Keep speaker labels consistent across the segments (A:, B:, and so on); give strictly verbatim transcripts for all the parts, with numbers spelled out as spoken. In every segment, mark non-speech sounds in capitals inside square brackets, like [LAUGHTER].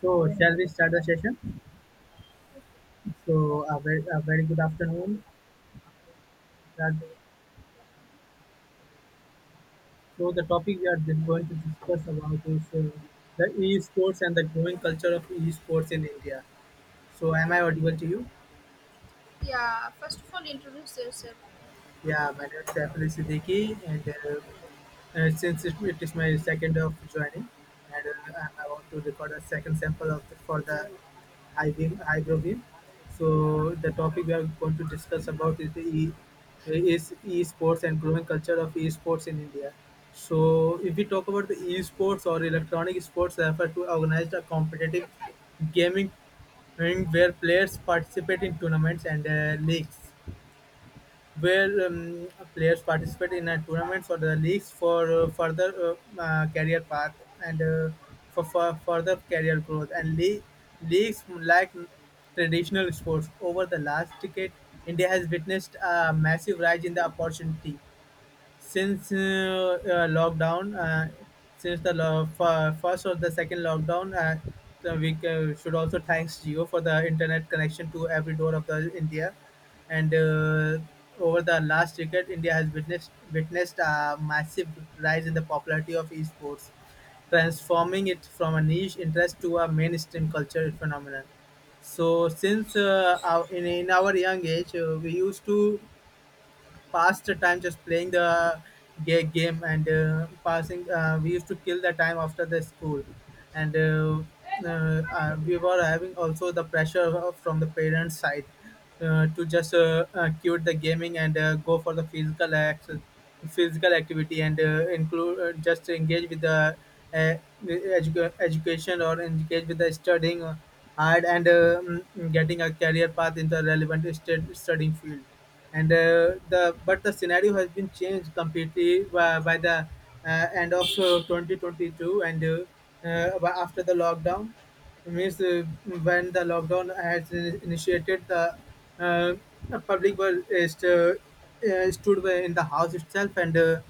A: So shall we start the session? So a very, a very good afternoon. That, so the topic we are just going to discuss about is uh, the e-sports and the growing culture of e-sports in India. So am I audible to you?
B: Yeah, first of all, introduce yourself.
A: Yeah, my name is Saiful Siddiqui, and uh, uh, since it, it is my second of joining, and uh, I'm about to record a second sample of the, for the high beam, high grow beam. So the topic we are going to discuss about is the e, is esports and growing culture of esports in India. So if we talk about the esports or electronic sports, refer to organized a competitive gaming and where players participate in tournaments and uh, leagues where um, players participate in uh, tournaments or the leagues for uh, further uh, uh, career path and uh, for, for further career growth and le- leagues like traditional sports. Over the last decade, India has witnessed a massive rise in the opportunity since uh, uh, lockdown, uh, since the lo- f- first or the second lockdown, uh, the- we uh, should also thanks Geo for the internet connection to every door of the India. And uh, over the last decade, India has witnessed witnessed a massive rise in the popularity of esports, transforming it from a niche interest to a mainstream culture phenomenon. So since uh, our, in, in our young age, uh, we used to past the time just playing the ga- game and uh, passing. Uh, we used to kill the time after the school, and uh, uh, uh, we were having also the pressure from the parents' side uh, to just uh, uh, quit the gaming and uh, go for the physical access, physical activity, and uh, include uh, just engage with the uh, edu- education or engage with the studying hard and uh, mm, getting a career path in the relevant stud- studying field and uh, the but the scenario has been changed completely by, by the uh, end of uh, twenty twenty-two and uh, uh, by- after the lockdown. It means uh, when the lockdown has in- initiated, the uh, public was uh, uh, stood were in the house itself and uh,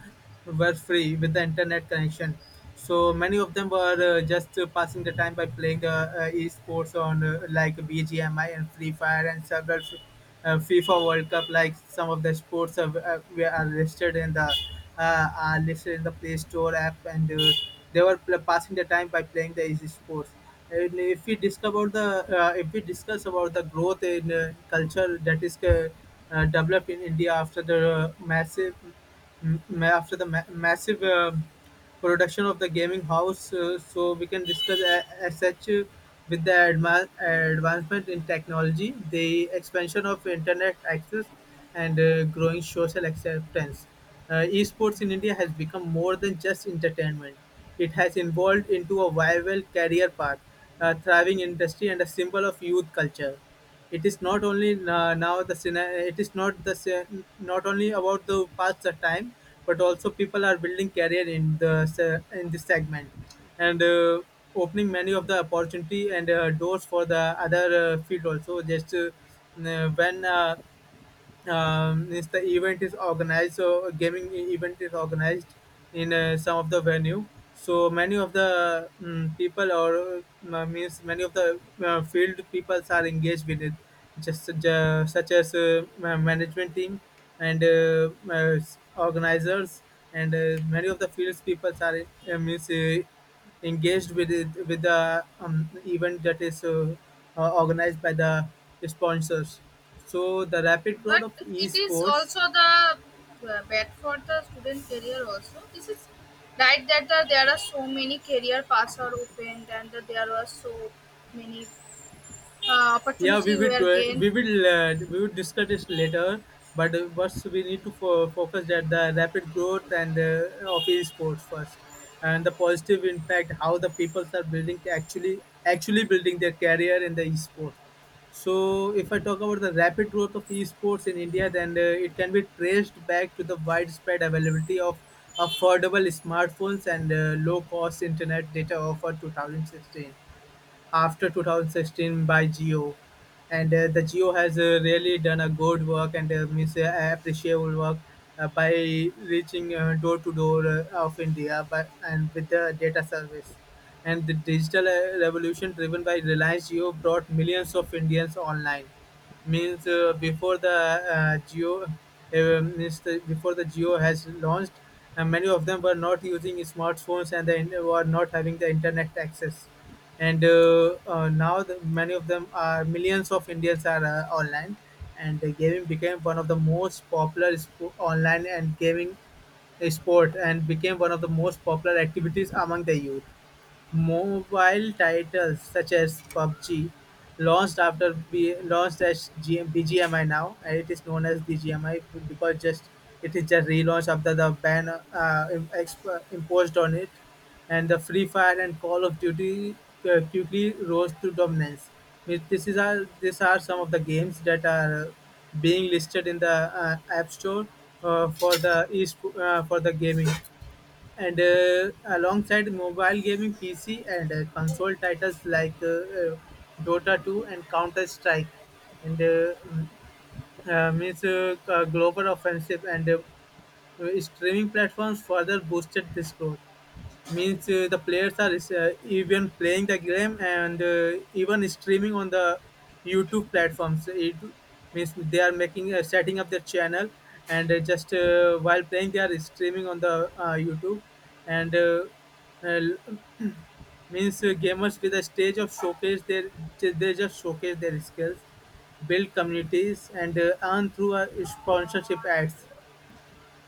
A: were free with the internet connection. So many of them were uh, just uh, passing the time by playing the uh, esports on uh, like B G M I and Free Fire and several uh, FIFA World Cup. Like some of the sports are, uh, were are listed in the uh, are listed in the Play Store app and. Uh, they were pl- passing the time by playing the easy sports. And if we discover the uh, if we discuss about the growth in uh, culture that is uh, uh, developed in India after the uh, massive m- ma- after the ma- massive uh, production of the gaming house, uh, so we can discuss a- as such, uh, with the adva- advancement in technology, the expansion of internet access, and uh, growing social acceptance. Uh, esports in India has become more than just entertainment. It has evolved into a viable career path, a thriving industry, and a symbol of youth culture. It is not only uh, now the scena- it is not the se- not only about the past of time, but also people are building career in the se- in this segment, and uh, opening many of the opportunity and uh, doors for the other uh, field also. Just uh, when uh, um, is the event is organized, so a gaming e- event is organized in uh, some of the venue, so many of the mm people or uh, means many of the uh, field peoples are engaged with it, just uh, such as uh, ma- management team and uh, uh, organizers and uh, many of the fields peoples are uh, means uh, engaged with it, with the um, event that is uh, uh, organized by the sponsors. So the rapid growth
B: But
A: of
B: it is
A: esports.
B: also the uh, bad for the student career also. This is right that the there are so many career paths are opened, and there are so many uh,
A: Yeah, we
B: opportunities
A: will
B: were
A: do
B: gained,
A: we will uh, we will discuss this later. But uh, first, we need to fo- focus at the rapid growth and uh, of esports first, and the positive impact how the people are building, actually actually building their career in the esports. So, if I talk about the rapid growth of esports in India, then uh, it can be traced back to the widespread availability of affordable smartphones and uh, low-cost internet data offered two thousand sixteen after two thousand sixteen by Geo, and uh, the Geo has uh, really done a good work and uh, means uh, appreciable work uh, by reaching uh, door to door uh, of India by, and with the data service. And the digital uh, revolution driven by Reliance Geo brought millions of Indians online. Means
B: yeah.
A: uh, before the uh, geo uh, means the, before the Geo has launched, uh, many of them were not using smartphones and they were not having the internet access, and uh, uh, now the, many of them are, millions of Indians are uh, online, and the gaming became one of the most popular sp- online and gaming sport, and became one of the most popular activities among the youth. Mobile titles such as PUBG, launched after B, launched as G, B G M I now, and it is known as B G M I because just it is a relaunch after the ban uh, im- exp, imposed on it, and the Free Fire and Call of Duty uh, quickly rose to dominance. Means This is our, these are some of the games that are being listed in the uh, App Store uh, for the e- uh, for the gaming. And uh, alongside mobile gaming, P C and uh, console titles like uh, uh, Dota two and Counter Strike, and uh, mm, uh, means uh, uh, global offensive and uh, uh, streaming platforms further boosted this growth. Means uh, the players are uh, even playing the game and uh, even streaming on the YouTube platforms. It means they are making, uh, setting up their channel and uh, just uh, while playing, they are streaming on the uh, YouTube, and uh, uh, [CLEARS THROAT] means uh, gamers with a stage of showcase their, they just showcase their skills, build communities, and uh, earn through uh, sponsorship ads.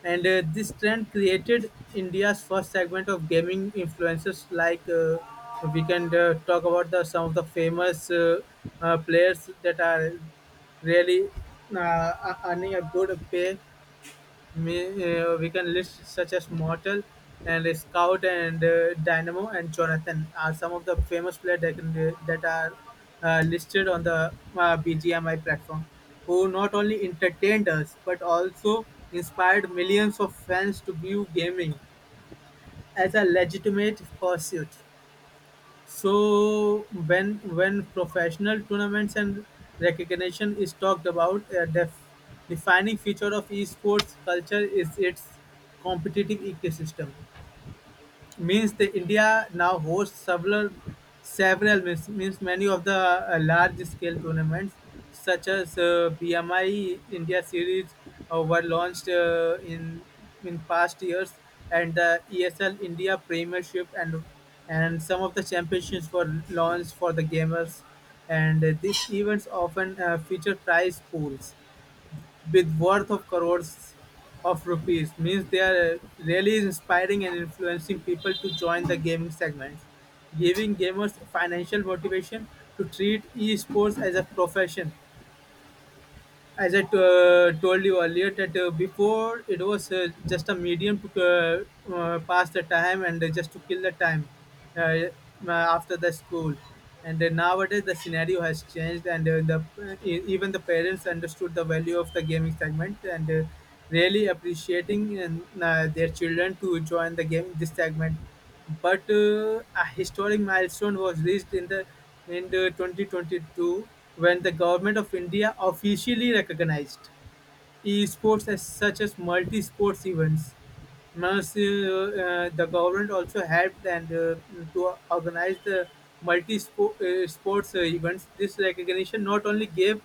A: And uh, this trend created India's first segment of gaming influencers. Like uh, we can uh, talk about the some of the famous uh, uh, players that are really uh, earning a good pay. Me- uh, we can list such as Mortal and Scout and uh, Dynamo and Jonathan are some of the famous players that, can, that are uh, listed on the uh, B G M I platform, who not only entertained us but also inspired millions of fans to view gaming as a legitimate pursuit. So when, when professional tournaments and recognition is talked about, a def- defining feature of esports culture is its competitive ecosystem. Means the India now hosts several, several means, means many of the uh, large scale tournaments such as uh, B M I India series uh, were launched uh, in in past years, and the E S L India Premiership and and some of the championships were launched for the gamers. And uh, these events often uh, feature prize pools with worth of crores of rupees. Means they are really inspiring and influencing people to join the gaming segment, giving gamers financial motivation to treat esports as a profession. As I to- uh, told you earlier, that uh, before it was uh, just a medium to uh, uh, pass the time and uh, just to kill the time uh, uh, after the school. And uh, nowadays the scenario has changed, and uh, the e- even the parents understood the value of the gaming segment and uh, really appreciating and, uh, their children to join the game this segment. But uh, a historic milestone was reached in the, in the twenty twenty-two when the government of India officially recognized esports as such as multi-sports events. Mas- uh, uh, the government also helped and uh, to organize the multi-sports uh, sports, uh, events. This recognition not only gave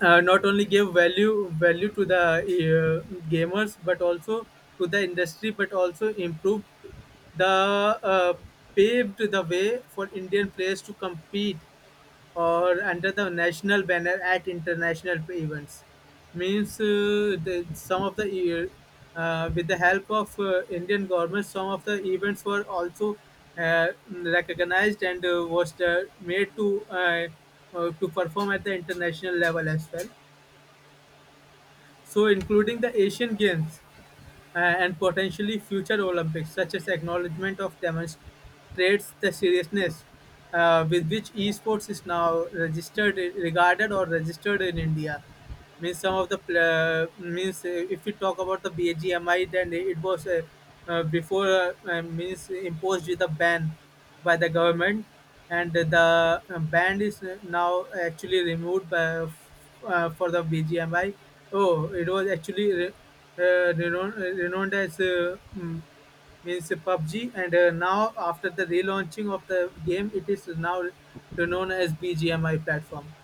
A: uh, not only gave value value to the uh, gamers but also to the industry, but also improved the uh, paved the way for Indian players to compete or under the national banner at international events. Means uh, the, some of the year, uh, with the help of uh, Indian government, some of the events were also uh, recognized and uh, was uh, made to uh, uh, to perform at the international level as well. So, including the Asian Games uh, and potentially future Olympics, such as acknowledgement of demonstrates the seriousness uh, with which esports is now registered, regarded or registered in India. Means some of the pla means uh, If we talk about the B G M I, then it was uh, uh, before uh, uh, means imposed with a ban by the government, and the uh, band is uh, now actually removed by, uh, for the B G M I. Oh, it was actually re- uh, renowned, renowned as uh, mm, means PUBG, and uh, now after the relaunching of the game, it is now renowned as B G M I platform.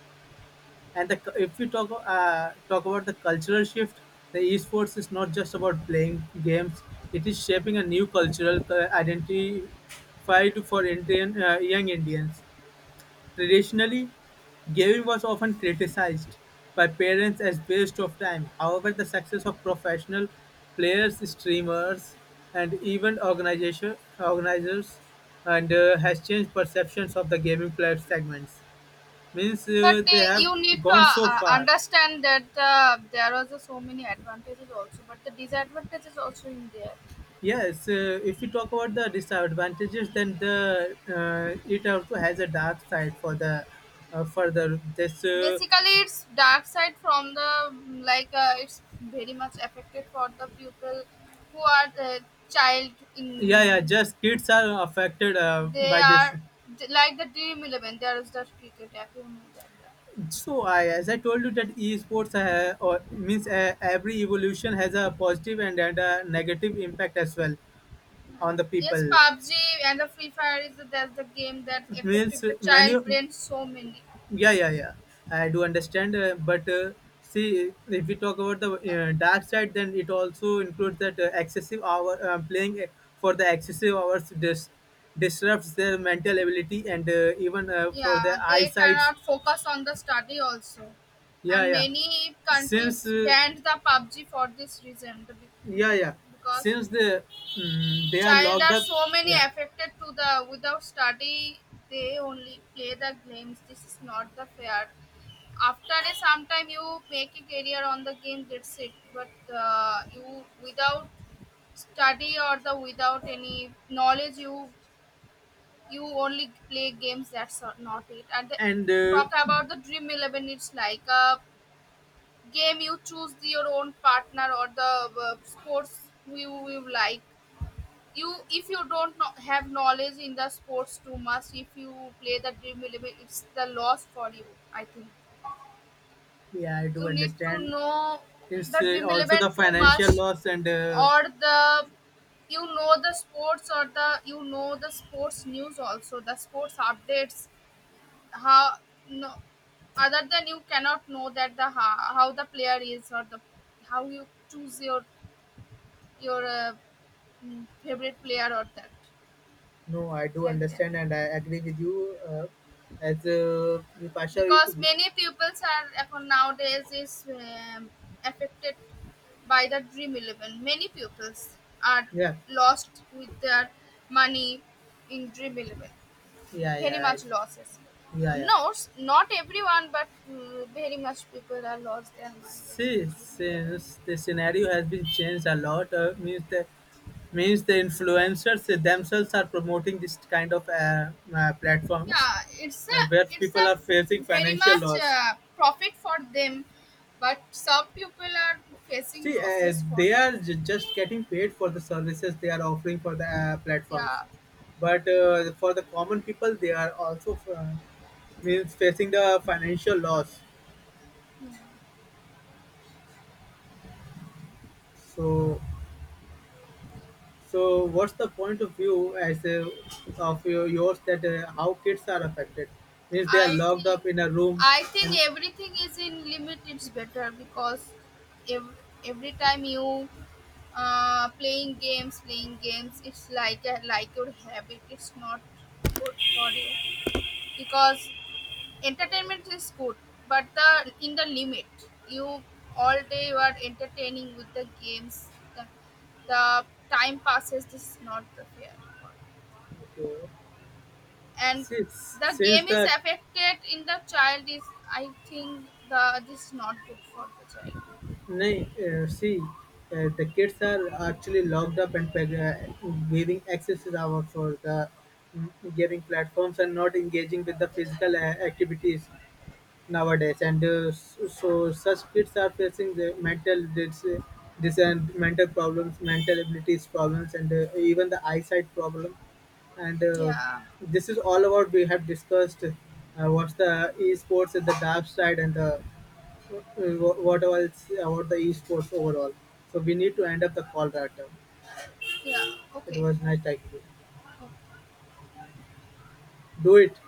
A: And the, if we talk uh, talk about the cultural shift, the esports is not just about playing games. It is shaping a new cultural cu- identity for Indian uh, young Indians. Traditionally, gaming was often criticized by parents as waste of time. However, the success of professional players, streamers, and even organization organizers and uh, has changed perceptions of the gaming player segments. Means
B: But
A: uh, they
B: uh,
A: have
B: you need to
A: gone
B: uh,
A: so
B: uh,
A: far.
B: understand that uh, there are so many advantages also, but the disadvantages also in there.
A: Yes, uh, if we talk about the disadvantages, then the uh, it also has a dark side for the uh, further this uh,
B: Basically it's dark side from the mm, like uh, it's very much affected for the people who are the child
A: yeah, yeah,
B: in.
A: just kids are affected uh,
B: They
A: by this.
B: are d- like the dream eleven, there is the cricket app, you know that uh,
A: So I as I told you that esports uh, or means uh, every evolution has a positive and, and a negative impact as well on the
B: yes.
A: people.
B: PUBG and the free fire is the, that's the game that affected
A: means
B: the
A: many
B: child brain so many.
A: Yeah, yeah, yeah. I do understand, uh, but uh, see, if we talk about the uh, dark side, then it also includes that uh, excessive hour uh, playing uh, for the excessive hours dis- disrupts their mental ability and uh, even uh, for
B: Yeah,
A: their
B: they
A: eyesights.
B: cannot focus on the study also.
A: Yeah,
B: And
A: yeah.
B: many
A: Since
B: countries
A: uh,
B: banned the PUBG for this reason the, be- be-
A: yeah, yeah.
B: because
A: Since the mm they are
B: child
A: locked
B: are
A: up,
B: so many
A: yeah,
B: affected to the without study. They only play the games, this is not the fair. After a sometime you make a career on the game, that's it. But uh, you without study or the without any knowledge, you you only play games, that's not it and the,
A: and uh,
B: Talk about the dream eleven, it's like a game. You choose your own partner or the uh, sports who you, you like. You, if you don't know, have knowledge in the sports too much, if you play the dream eleven, it's the loss for you, I think.
A: yeah, I do
B: You need to
A: understand.
B: know
A: It's
B: the
A: uh,
B: dream
A: also the
B: eleven too
A: financial
B: much,
A: loss and. Uh,
B: or the you know the sports, or the you know the sports news, also the sports updates. How? No, other than, you cannot know that the how, how the player is, or the how you choose your your uh, mm, favorite player, or that
A: No, I do
B: like that.
A: understand and I agree with you. Uh, as uh, Vipasha,
B: Because many pupils are এখন nowadays is um, affected by the dream eleven. Many pupils are
A: yeah,
B: lost with their money in dream eleven,
A: yeah,
B: very
A: yeah,
B: much
A: I-
B: losses.
A: yeah, yeah.
B: No, s- not everyone, but mm, very much people are lost their money in
A: See,
B: dream eleven.
A: since the scenario has been changed a lot, uh, means the means the influencers themselves are promoting this kind of uh, uh, platforms
B: Yeah, it's
A: uh,
B: a
A: where
B: it's
A: people are facing
B: a very
A: financial
B: much
A: loss.
B: uh, profit for them, but some people are facing
A: See, uh,
B: losses for
A: they
B: this.
A: are j- just getting paid for the services they are offering for the uh, platforms,
B: Yeah,
A: but uh, for the common people, they are also uh, means facing the financial loss. So, so what's the point of view as a, of your, yours that uh, how kids are affected? Means they are
B: I
A: locked
B: think,
A: up in a room,
B: I think
A: and
B: everything is in limit, it's better. Because every, every time you uh, playing games, playing games, it's like a like your habit. It's not good for you, because entertainment is good, but the in the limit. You all day you are entertaining with the games. The, the time passes. This is not the fair. And
A: since
B: the
A: since
B: game is
A: the,
B: affected in the child, is I think the this is not good for the child.
A: no, see, uh, the kids are actually locked up and peg- uh, giving access hour for the mm, gaming platforms and not engaging with the physical uh, activities nowadays and uh, s- so such kids are facing the mental this, this and mental problems, mental abilities problems and uh, even the eyesight problem. And uh,
B: Yeah.
A: this is all about, we have discussed uh, what's the esports and the dark side and the uh, wh- what else about the esports overall. So we need to end up the call right now.
B: Yeah.
A: It
B: Okay.
A: was nice talking to you.
B: Okay.
A: Do it.